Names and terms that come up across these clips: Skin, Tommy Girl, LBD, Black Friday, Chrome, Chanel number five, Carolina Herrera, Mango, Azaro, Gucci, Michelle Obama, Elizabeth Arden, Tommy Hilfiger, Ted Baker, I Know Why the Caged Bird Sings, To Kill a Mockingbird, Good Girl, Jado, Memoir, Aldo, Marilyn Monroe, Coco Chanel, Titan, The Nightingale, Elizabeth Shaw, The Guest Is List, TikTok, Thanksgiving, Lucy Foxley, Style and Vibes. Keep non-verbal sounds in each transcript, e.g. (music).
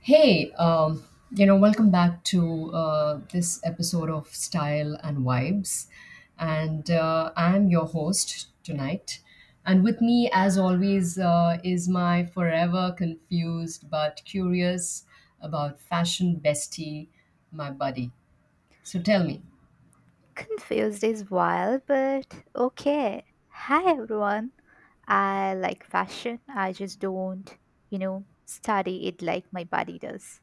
Hey, um, Welcome back to this episode of Style and Vibes. And I'm your host tonight. And with me, as always, is my forever confused but curious about fashion bestie, my buddy. So tell me, Confused is wild, but okay. Hi everyone. I like fashion. I just don't study it like my body does.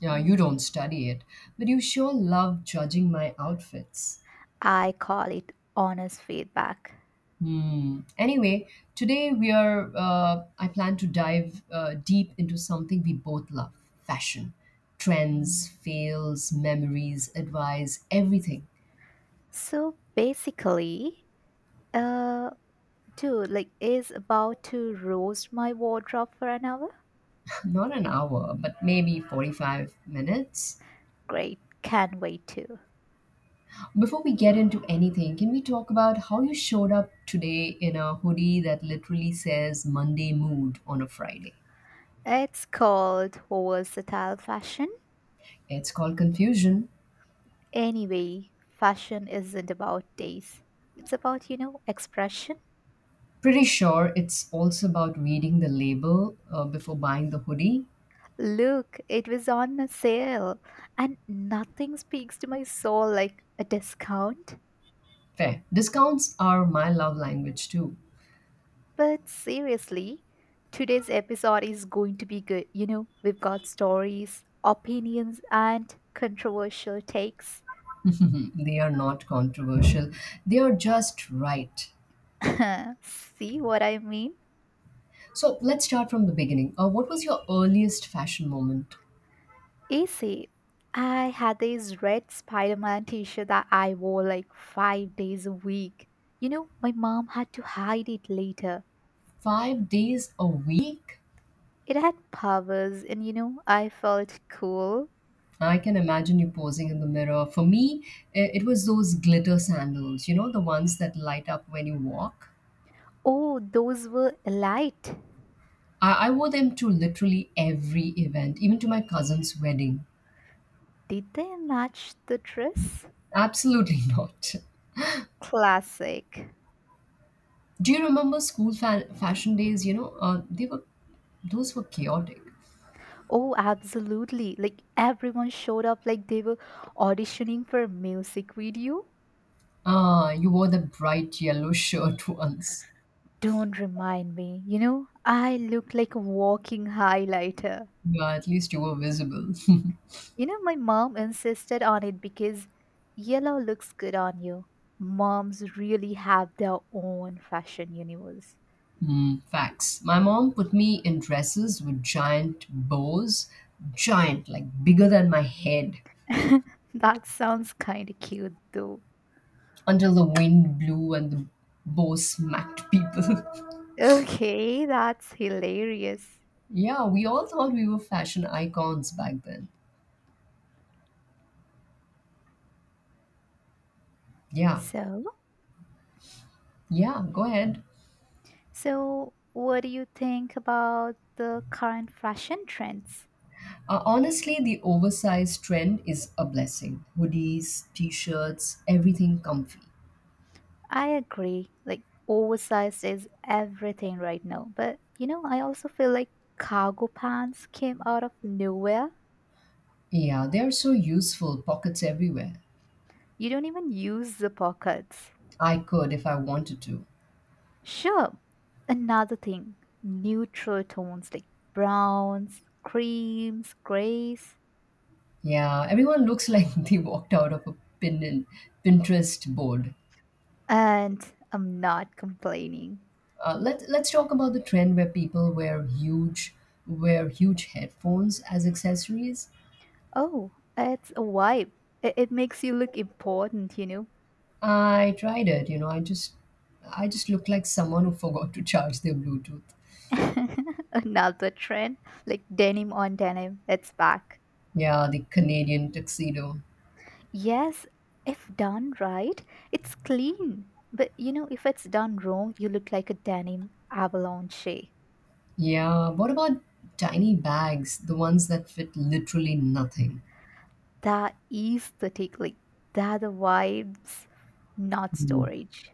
yeah, you don't study it, but you sure love judging my outfits. I call it honest feedback. Hmm. Anyway, today we are. I plan to dive deep into something we both love: fashion, trends, fails, memories, advice, everything. So basically, uh, dude, like, is about to roast my wardrobe for an hour. (laughs) Not an hour, but maybe 45 minutes. Great, can't wait to. Before we get into anything, can we talk about how you showed up today in a hoodie that literally says Monday mood on a Friday? It's called versatile fashion. It's called confusion. Anyway, fashion isn't about taste. It's about expression. Pretty sure it's also about reading the label before buying the hoodie. Look, it was on a sale, and nothing speaks to my soul like a discount. Fair. Discounts are my love language too. But seriously, today's episode is going to be good. We've got stories, opinions, and controversial takes. (laughs) They are not controversial, they are just right. (laughs) See what I mean? So let's start from the beginning. What was your earliest fashion moment? Easy. I had this red Spider Man t shirt that I wore like 5 days a week. My mom had to hide it later. Five days a week? It had powers, and I felt cool. I can imagine you posing in the mirror. For me, it was those glitter sandals, you know, the ones that light up when you walk. Oh, those were light. I wore them to literally every event, even to my cousin's wedding. Did they match the dress? Absolutely (laughs) not. Classic. Do you remember school fashion days? You know, they were Those were chaotic. Oh, absolutely. Like everyone showed up like they were auditioning for a music video. Ah, you wore the bright yellow shirt (laughs) once. Don't remind me. I look like a walking highlighter. Yeah, at least you were visible. (laughs) My mom insisted on it because yellow looks good on you. Moms really have their own fashion universe. Hmm, facts. My mom put me in dresses with giant bows, giant, like bigger than my head, (laughs) That sounds kind of cute though. until the wind blew and the bow smacked people. Okay, that's hilarious. (laughs) Yeah, we all thought we were fashion icons back then. Yeah, So, yeah, go ahead. so what do you think about the current fashion trends? Honestly, the oversized trend is a blessing. Hoodies, t shirts, everything comfy. I agree. Like oversized is everything right now, but I also feel like cargo pants came out of nowhere. Yeah, they're so useful, pockets everywhere. You don't even use the pockets. I could if I wanted to. Sure. Another thing, neutral tones like browns, creams, grays. Yeah, everyone looks like (laughs) they walked out of a Pinterest board. And I'm not complaining. Let's talk about the trend where people wear huge headphones as accessories. Oh, it's a vibe. It makes you look important. I tried it, you know, I just looked like someone who forgot to charge their Bluetooth. (laughs) Another trend, like denim on denim, it's back. Yeah, the Canadian tuxedo. Yes, if done right, it's clean. But if it's done wrong, you look like a denim avalanche. Yeah, what about tiny bags, the ones that fit literally nothing? That is the take, like, that the vibes, not Hmm. storage.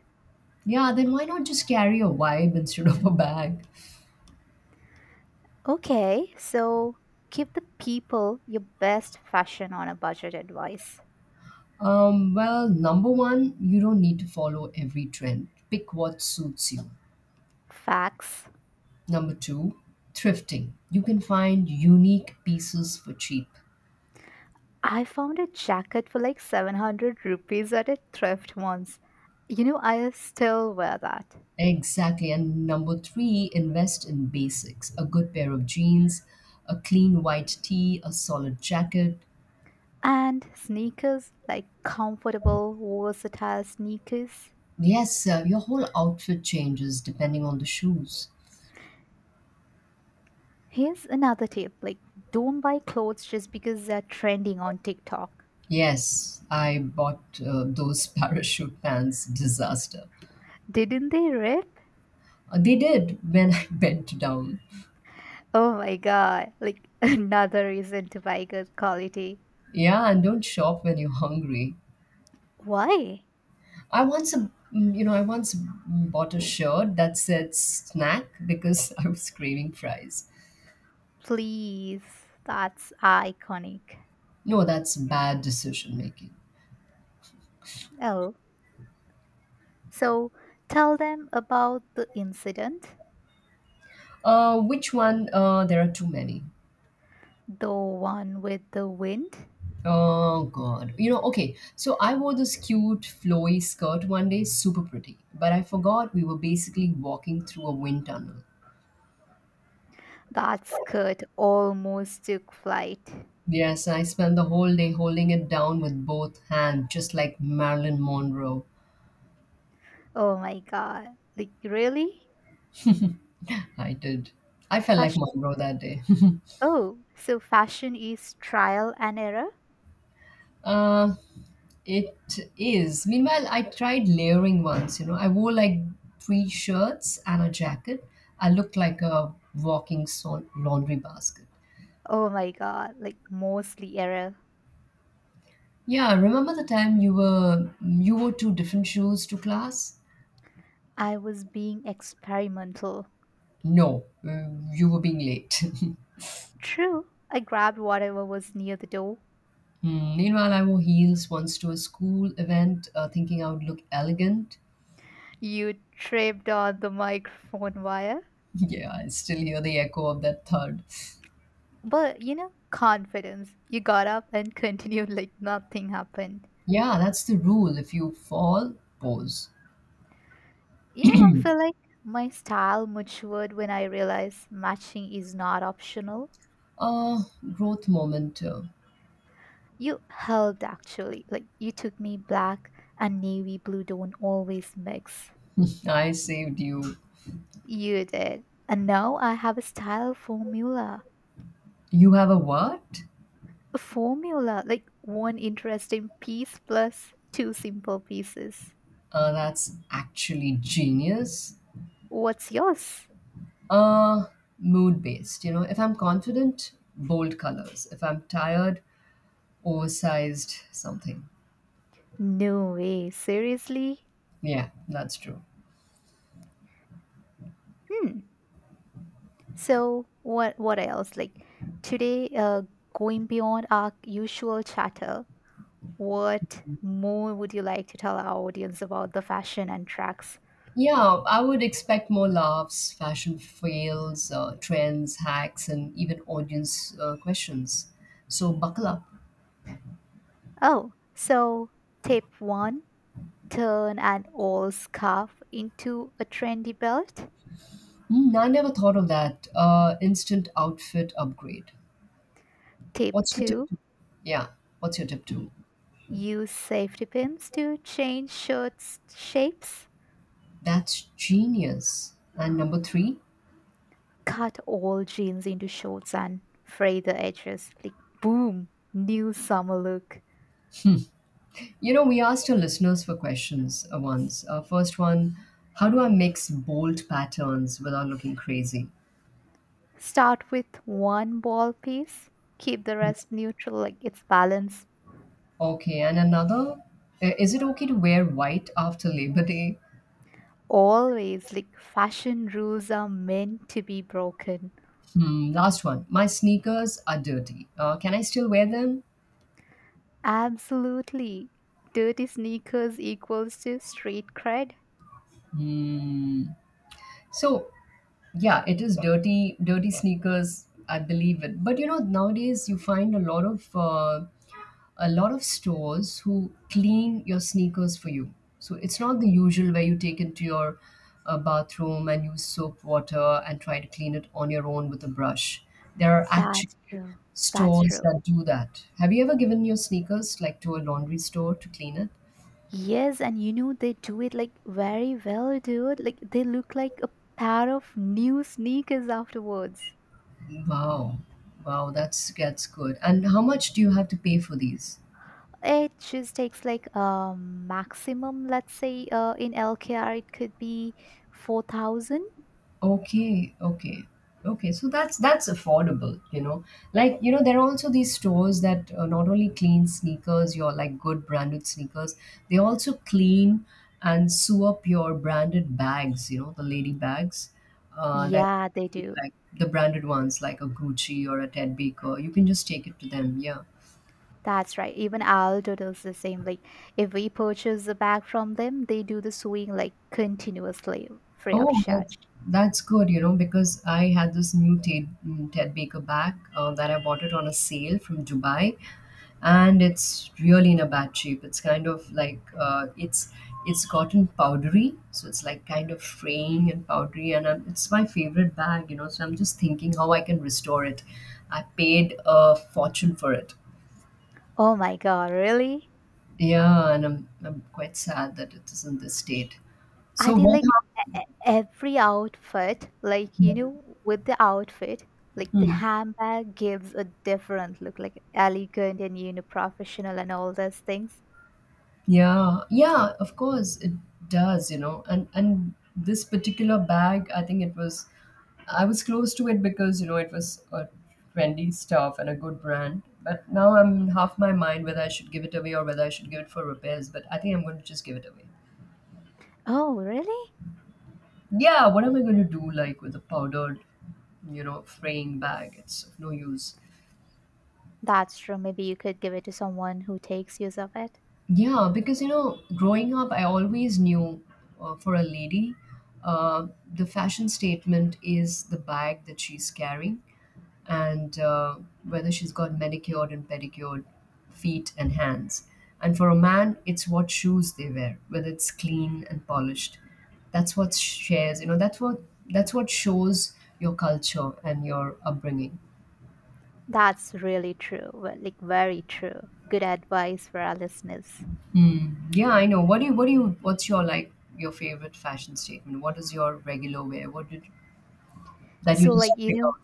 Yeah, then why not just carry a vibe (laughs) instead of a bag? Okay, so give the people your best fashion on a budget advice. Well, number one, you don't need to follow every trend. Pick what suits you. Facts. Number two, thrifting. You can find unique pieces for cheap. I found a jacket for like 700 rupees at a thrift once. I still wear that. Exactly. And number three, invest in basics a good pair of jeans, a clean white tee, a solid jacket. And sneakers, like comfortable, versatile sneakers. Yes, your whole outfit changes depending on the shoes. Here's another tip like, don't buy clothes just because they're trending on TikTok. Yes, I bought those (laughs) parachute pants, disaster. Didn't they rip? They did when I (laughs) bent down. Oh my god, like (laughs) another reason to buy good quality. Yeah, and don't shop when you're hungry. Why? I once, mm, you know, I once bought a shirt that said snack because (laughs) I was craving fries. Please, that's iconic. No, that's bad decision making. Oh, so tell them about the incident, Which one? There are too many. the one with the wind. Oh God. You know, okay. So I wore this cute flowy skirt one day, super pretty. But I forgot we were basically walking through a wind tunnel. That skirt almost took flight. Yes, I spent the whole day holding it down with both hands, just like Marilyn Monroe. Oh my god. Like, really? I did. I felt like Fashion? Monroe that day. (laughs) Oh, so fashion is trial and error? Uh, it is. Meanwhile, I tried layering once, you know. I wore like three shirts and a jacket. I looked like a walking laundry basket. Oh my god. Like, mostly error. Yeah, remember the time you wore two different shoes to class? I was being experimental. No, you were being late. (laughs) True. I grabbed whatever was near the door. Hmm, meanwhile, I wore heels once to a school event, thinking I would look elegant. You tripped on the (laughs) microphone wire. (laughs) Yeah, I still hear the echo of that thud. But confidence. You got up and (laughs) continued like nothing happened. Yeah, that's the rule. If you fall, pause. I feel like my style matured when I realized matching is not optional. Uh, Growth moment. You helped actually. Like you took me black and navy blue don't always mix. (laughs) I saved you. You did. And now I have a style formula. You have a what? A formula, like one interesting piece plus two simple pieces. That's actually genius. What's yours? Uh, mood based. You know, if I'm confident, bold colors. If I'm tired, oversized something. No way, seriously? Yeah, that's true. Hmm. So what else? Like today, going beyond our usual chatter, what more would you like to tell our audience about the fashion and tracks? Yeah, I would expect more laughs, fashion fails, trends, hacks, and even audience questions. So buckle up. Oh, so tip one: turn an old scarf into a trendy belt. Hmm, I never thought of that. Instant outfit upgrade. Tip What's your tip? two: To- yeah, what's your tip two? y- use safety pins to change shirts shapes. That's genius. And number three? Cut all jeans into shorts and fray the edges. Like boom, new summer look. You know, we asked our listeners for questions once. First one, how do I mix bold patterns without looking crazy? Start with one ball piece, keep the rest neutral, like it's balance. Okay, and another, is it okay to wear white after Labor Day? Always, like fashion rules are meant to be broken. Hmm, last one, my sneakers are dirty. Can I still wear them? Absolutely. Dirty sneakers equals to street cred. Hmm. So, yeah, it is dirty, dirty sneakers. I believe it. But you know, nowadays you find a lot of stores who clean your sneakers for you. So it's not the usual where you take it to your bathroom and use soap water and try to clean it on your own with a brush. There are actually That's true. That's stores true. that do that. Have you ever given your sneakers like to a laundry store to clean it? Yes, and they do it like very well, dude. Like they look like a pair of new sneakers afterwards. Wow. Wow, that's good. And how much do you have to pay for these? It just takes like a maximum, let's say in LKR it could be 4,000. Okay, okay. Okay, so that's affordable, you know. Like, you know, there are also these stores that not only clean sneakers, your like good branded sneakers, they also clean and sew up your branded bags, you know, the lady bags that Yeah, they do. like the branded ones like a Gucci or a Ted Baker. You can just take it to them. Yeah. That's right. Even Aldo does the same. Like if we purchase a bag from them, they do the sewing like continuously free of Oh, charge. that's good, you know, because I had this new Ted Baker bag that I bought it on a sale from Dubai, and it's really in a bad shape. It's kind of like it's gotten powdery, so it's like kind of fraying and powdery, and I it's my favorite bag, you know. So I'm just thinking how I can restore it. I paid a fortune for it. Oh my God, really? Yeah, and I'm quite sad that it is in this state. I So think what like every outfit, like with the outfit, like the happened? handbag gives a different look, like elegant and professional and all those things. Yeah, yeah, of course it does, you know. And this particular bag, I was close to it because, you know, it was a trendy stuff and a good brand. But now I'm half my mind whether I should give it away or whether I should give it for repairs, but I think I'm going to just give it away. Oh, really? Yeah, what am I going to do like with a powdered, you know, fraying bag? It's of no use. That's true. Maybe you could give it to someone who takes use of it. Yeah, because you know, growing up, I always knew for a lady, the fashion statement is the bag that she's carrying and whether she's got manicured and pedicured feet and hands. And for a man, it's what shoes they wear, whether it's clean and polished. That's what shares, you know, that's what shows your culture and your upbringing. That's really true. Like, very true. Good advice for our listeners. Yeah, I know. What's your like your favorite fashion statement? What is your regular wear? What did that you So, just like, pick out?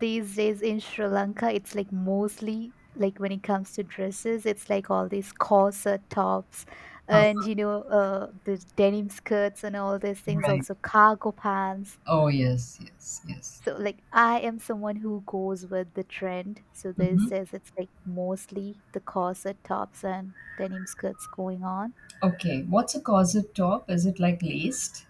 these days in Sri Lanka, it's like mostly like when it comes to dresses, it's like all these corset tops and, uh you know, uh, the denim skirts and all these things, Right. also cargo pants. Oh yes, yes, yes. So like I am someone who goes with the trend. So there's Mm-hmm. this is it's like mostly the corset tops and denim skirts going on. Okay. What's a corset top? Is it like laced?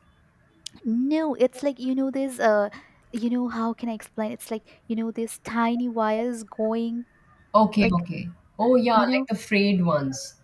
No, it's like there's how can I explain? It's like there's tiny wires going Okay, like okay. Oh yeah, you like know the frayed ones.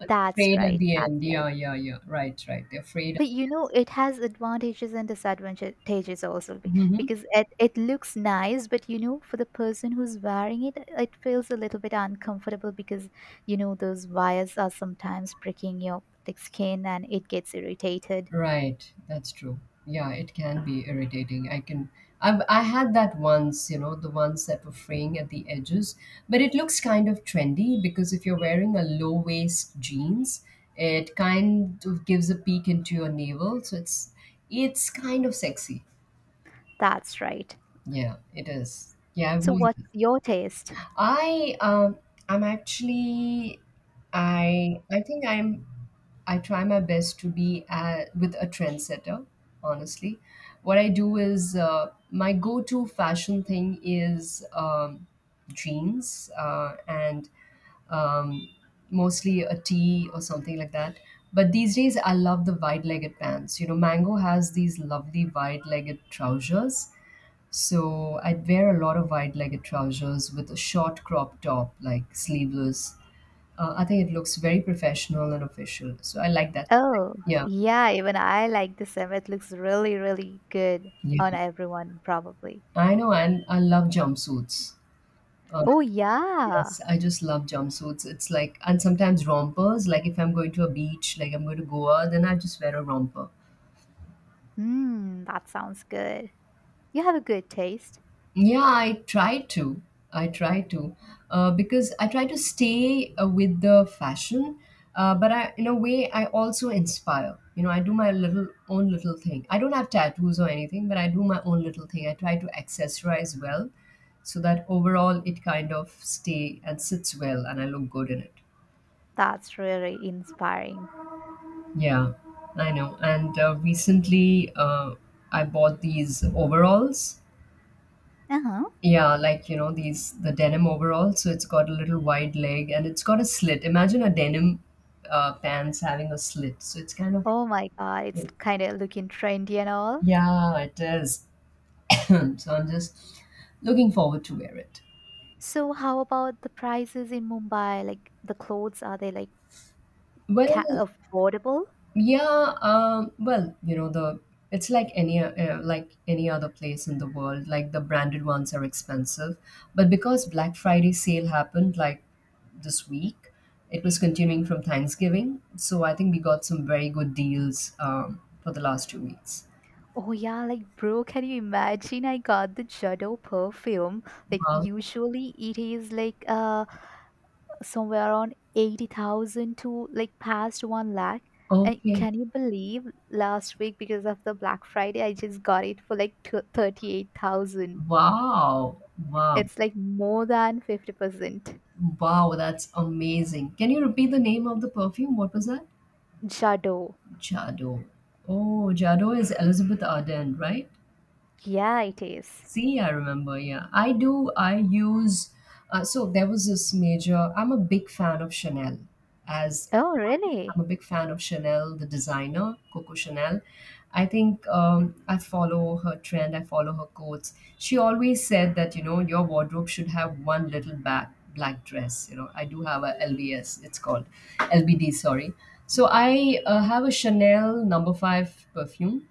Like that's frayed at right. the That's end. right. Yeah, yeah, yeah. Right, right. They're frayed. But it has advantages and disadvantages also be- Mhm. because it looks nice, but for the person who's wearing it, it feels a little bit uncomfortable because those wires are sometimes pricking your like, skin and it gets irritated. Right, that's true. Yeah, it can be irritating. I can I've I had that once, you know, the ones that were fraying at the edges, but it looks kind of trendy because if you're wearing a low waist jeans, it kind of gives a peek into your navel, so it's kind of sexy. That's right. Yeah, it is. Yeah, I've So, worn what's your taste? I I'm actually I think I'm I try my best to be with a trendsetter, honestly. What I do is my go to fashion thing is jeans and um, mostly a tee or something like that. But these days, I love the wide legged pants. You know, Mango has these lovely wide legged trousers. So I'd wear a lot of wide legged trousers with a short crop top, like sleeveless. I think it looks very professional and official. So I like that. Oh, Yeah. yeah, even I like the same. It looks really, really good Yeah. on everyone, probably. I know. And I love jumpsuits. Uh, Oh, yeah. yes. I just love jumpsuits. It's like, and sometimes rompers. Like if I'm going to a beach, like I'm going to Goa, then I just wear a romper. Mm, that sounds good. You have a good taste. Yeah, I try to. I try to, because I try to stay with the fashion, but I, in a way, I also inspire. You know, I do my little own little thing. I don't have tattoos or anything, but I do my own little thing. I try to accessorize well, so that overall it kind of stay and sits well, and I look good in it. That's really inspiring. Yeah, I know. And recently, I bought these overalls. Uh huh. Yeah, like you know, these the denim overall, so it's got a little wide leg and it's got a slit. Imagine a denim pants having a slit. So it's kind of Oh my god, it's kind of looking trendy and all. yeah, it is. (coughs) (clears throat) So I'm just looking forward to wear it. So how about the prices in Mumbai? Like the clothes, are they like Well. Affordable? Yeah, well, you know, the it's like any other place in the world. Like the branded ones are expensive, but because Black Friday sale happened like this week, it was continuing from Thanksgiving. So I think we got some very good deals for the last 2 weeks. Oh yeah, like bro, can you imagine? I got the Jado perfume. Like Wow. usually it is like somewhere around 80,000 to like past 1 lakh. And Okay. can you believe last week because of the Black Friday, I just got it for like 38,000. Wow. Wow. It's like more than 50%. Wow. That's amazing. Can you repeat the name of the perfume? What was that? Jado. Jado. Oh, Jado is Elizabeth Arden, right? Yeah, it is. See, I remember. Yeah, I do. I use. So there was this major. I'm a big fan of Chanel. As Oh, I'm really? a big fan of Chanel, the designer Coco Chanel. I think I follow her trend. I follow her quotes. She always said that you know your wardrobe should have one little back black dress. You know, I do have a LBS. It's called LBD. Sorry. So I have a Chanel No. 5 perfume.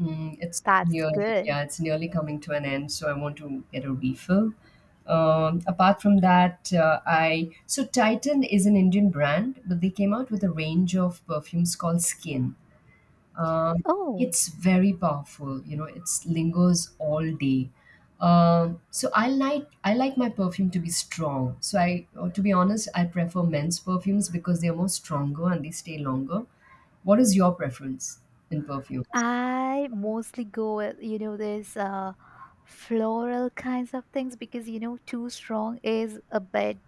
Mm, it's That's nearly, good. yeah, it's nearly coming to an end, so I want to get a refill. Apart from that, I so Titan is an Indian brand, but they came out with a range of perfumes called Skin. Um, Oh, it's very powerful, you know, it lingers all day. So I like my perfume to be strong. So I, or to be honest, I prefer men's perfumes because they are more stronger and they stay longer. What is your preference in perfume? I mostly go with this floral kinds of things because too strong is a bit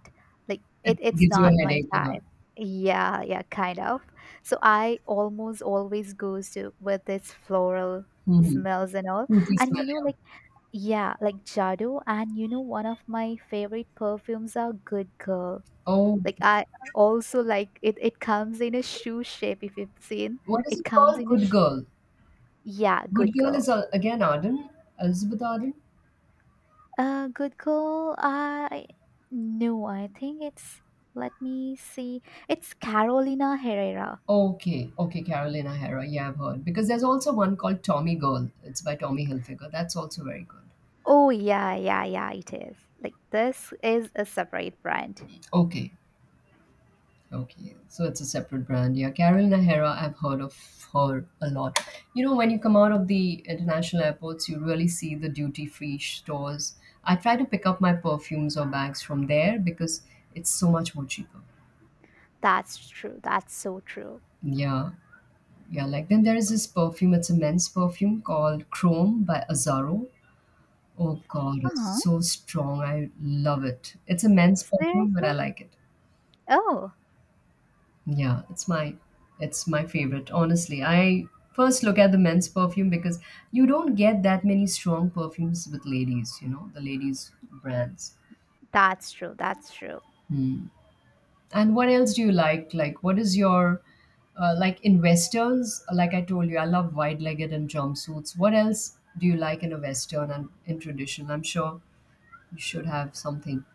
like It it's gives you not a my headache, yeah. type. Yeah, yeah, kind of. So I almost always goes to with this floral Mhm. smells and all. Fruity And smell, you know, yeah. like Yeah, like Jado, and one of my favorite perfumes are Good Girl. Oh, Like I also like it. It comes in a shoe shape. If you've seen, what is it it comes called? in a Good Girl. yeah, Good Good Girl Girl. is again Arden, Elizabeth Arden. Good Girl. I no, I think it's. Let me see. It's Carolina Herrera. Okay, okay, Carolina Herrera. Yeah, I've heard because there's also one called Tommy Girl. It's by Tommy Hilfiger. That's also very good. Oh yeah, yeah, yeah. It is. Like this is a separate brand. Okay. Okay, so it's a separate brand. Yeah, Carolina Herrera, I've heard of her a lot. You know, when you come out of the international airports, you really see the duty free stores. I try to pick up my perfumes or bags from there because it's so much more cheaper. That's true. That's so true. Yeah, yeah, like then there is this perfume, it's a men's perfume called Chrome by Azaro. Oh God, it's Huh? so strong. I love it. It's a men's perfume, but I Seriously? like it. Oh, Yeah, it's my favorite. Honestly, I first look at the men's perfume because you don't get that many strong perfumes with ladies, you know, the ladies brands. that's true. That's true. Hmm. And what else do you like? Like what is your like in westerns, like I told you, I love wide-legged and jumpsuits. What else do you like in a western and in tradition? I'm sure you should have something.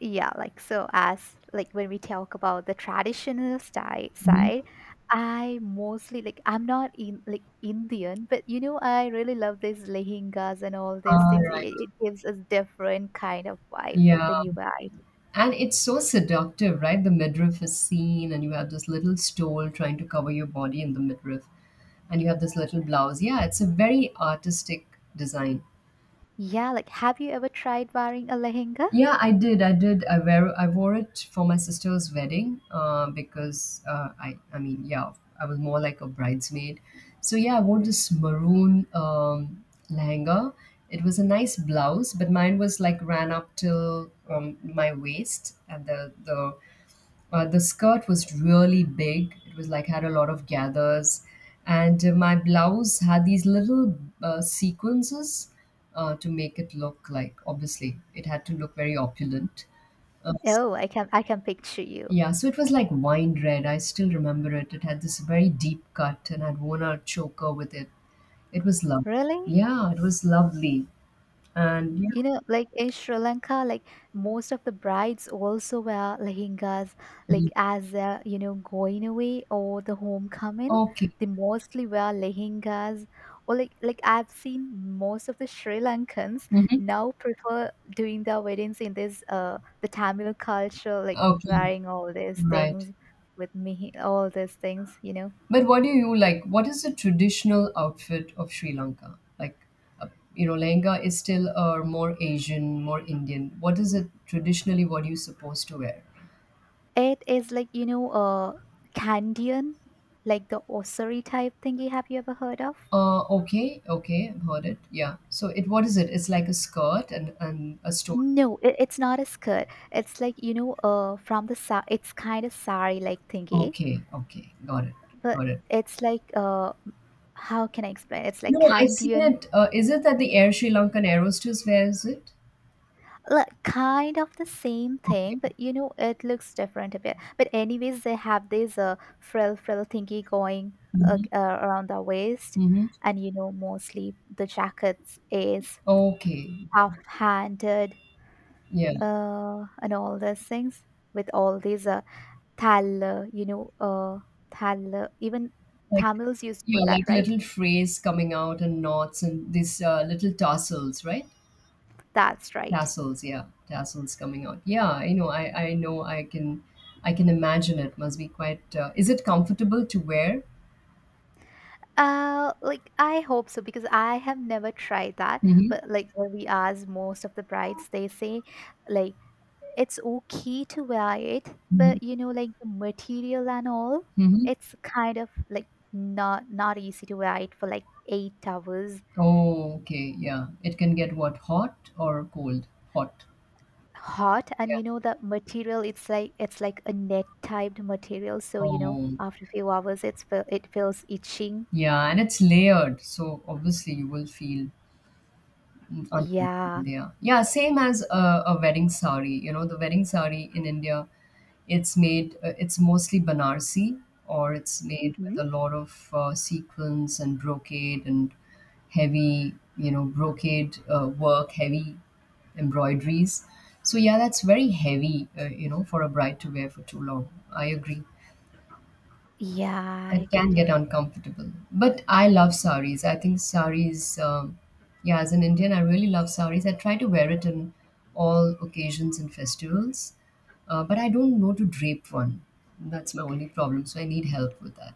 Yeah, like so as like when we talk about the traditional style Mhm. side, I mostly like I'm not in like Indian, but I really love these lehengas and all these All things. It, right. it gives us different kind of vibe Yeah. when you wear it. And it's so seductive, right? The midriff is seen, and you have this little stole trying to cover your body in the midriff, and you have this little blouse. Yeah, it's a very artistic design. Yeah, like have you ever tried wearing a lehenga? Yeah, I did. I did. I wear. I wore it for my sister's wedding because I. I mean, yeah, I was more like a bridesmaid. So yeah, I wore this maroon lehenga. It was a nice blouse, but mine was like ran up till my waist, and the skirt was really big. It was like had a lot of gathers, and my blouse had these little sequences to make it look like. Obviously, it had to look very opulent. Uh, Oh, I can picture you. yeah, so it was like wine red. I still remember it. It had this very deep cut, and I'd worn a choker with it. It was lovely. Really? Yeah, it was lovely. And Like in Sri Lanka, like most of the brides also wear lehengas, yeah, like as they're going away or the homecoming, okay, they mostly wear lehengas. Or like I've seen most of the Sri Lankans hmm, now prefer doing their weddings in this the Tamil culture, like okay, wearing all these right. things with me, all these things. But what do you like? What is the traditional outfit of Sri Lanka? Like, uh, you know, lehenga is still a more Asian, more Indian. What is it traditionally? What are you supposed to wear? It is like, Candian, like the osari type thingy. Have you ever heard of? Okay, okay, I've heard it. Yeah. So it, what is it? It's like a skirt and a stole. No, it's not a skirt. It's like, from the sa it's kind of sari like thingy, Okay, okay, got it, but got it. it's like, how can I explain? It's like No, I seen Kandyan, it. Is it that the Air Sri Lankan aerosters wears it? like kind of the same Okay. thing, but it looks different a bit. But anyways, they have this frill thingy going Mm-hmm. Around the waist, Mm-hmm. and mostly the jackets is Okay. half-handed, Yeah. And all those things with all these Thal, you know, uh, Thal, even Like Tamils used to yeah, put that, like right? little frays coming out and knots and these little tassels, right? That's right. Tassels, yeah, tassels coming out. Yeah, I know. I know. I can imagine it must be quite. Is it comfortable to wear? Like I hope so because I have never tried that. Mm-hmm. But like when we ask most of the brides, they say like it's okay to wear it, Mm-hmm. but like the material and all, Mm-hmm. it's kind of like not easy to wear it for like 8 hours Oh, okay. Yeah, it can get what hot or cold. Hot. hot and Yeah. you know the material it's like a net typed material so Oh, after a few hours it's it feels itching. yeah, and it's layered, so obviously you will feel uncomfortable. Yeah. Yeah, yeah. Same as a wedding sari. You know, the wedding sari in India. It's made, it's mostly Banarsi, or it's made with Hmm. a lot of sequins and brocade and heavy, you know, brocade work, heavy embroideries. So yeah, that's very heavy, you know, for a bride to wear for too long. I agree Yeah, I it can get get it. uncomfortable. But I love saris. I think yeah, as an Indian, I really love saris. I try to wear it in all occasions and festivals, but I don't know to drape one. That's my only problem. So I need help with that.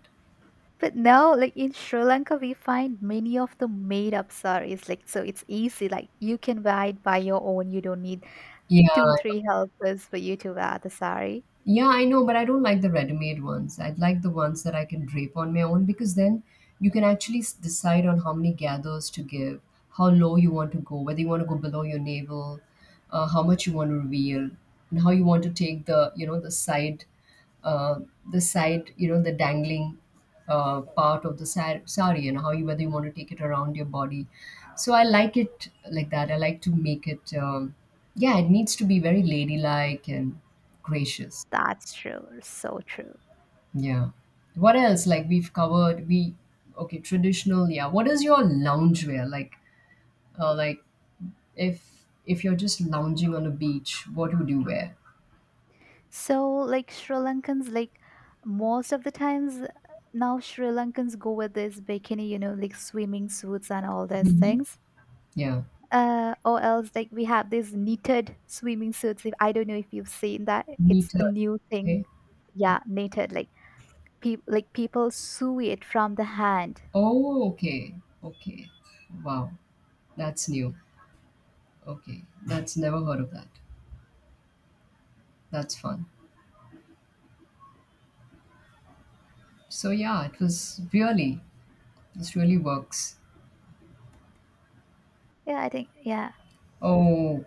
But now like in Sri Lanka we find many of the made up saris, like so it's easy, like you can buy it by your own. You don't need Yeah. two three helpers for you to wear the sari. Yeah, I know, but I don't like the ready-made ones. I'd like the ones that I can drape on my own because then you can actually s- decide on how many gathers to give, how low you want to go, whether you want to go below your navel, how much you want to reveal, and how you want to take the you know the side, uh, you know the dangling part of the sa- sari, and how you whether you want to take it around your body. So I like it like that. I like to make it. Yeah, it needs to be very ladylike and gracious. That's true, so true. Yeah. What else? Like we've covered we okay, traditional, yeah. What is your loungewear? Like uh like if you're just lounging on a beach, what would you wear? So, like Sri Lankans, like most of the times now, Sri Lankans go with this bikini, like swimming suits and all those Mm-hmm. things. Yeah. Or else, like we have these knitted swimming suits. If I don't know if you've seen that, it's a Meter. new thing. Okay. Yeah, knitted, like people sew it from the hand. Oh, okay. Okay. Wow. That's new. Okay. That's never heard of that. That's fun. So yeah, it was really this really works. Yeah, I think yeah. Oh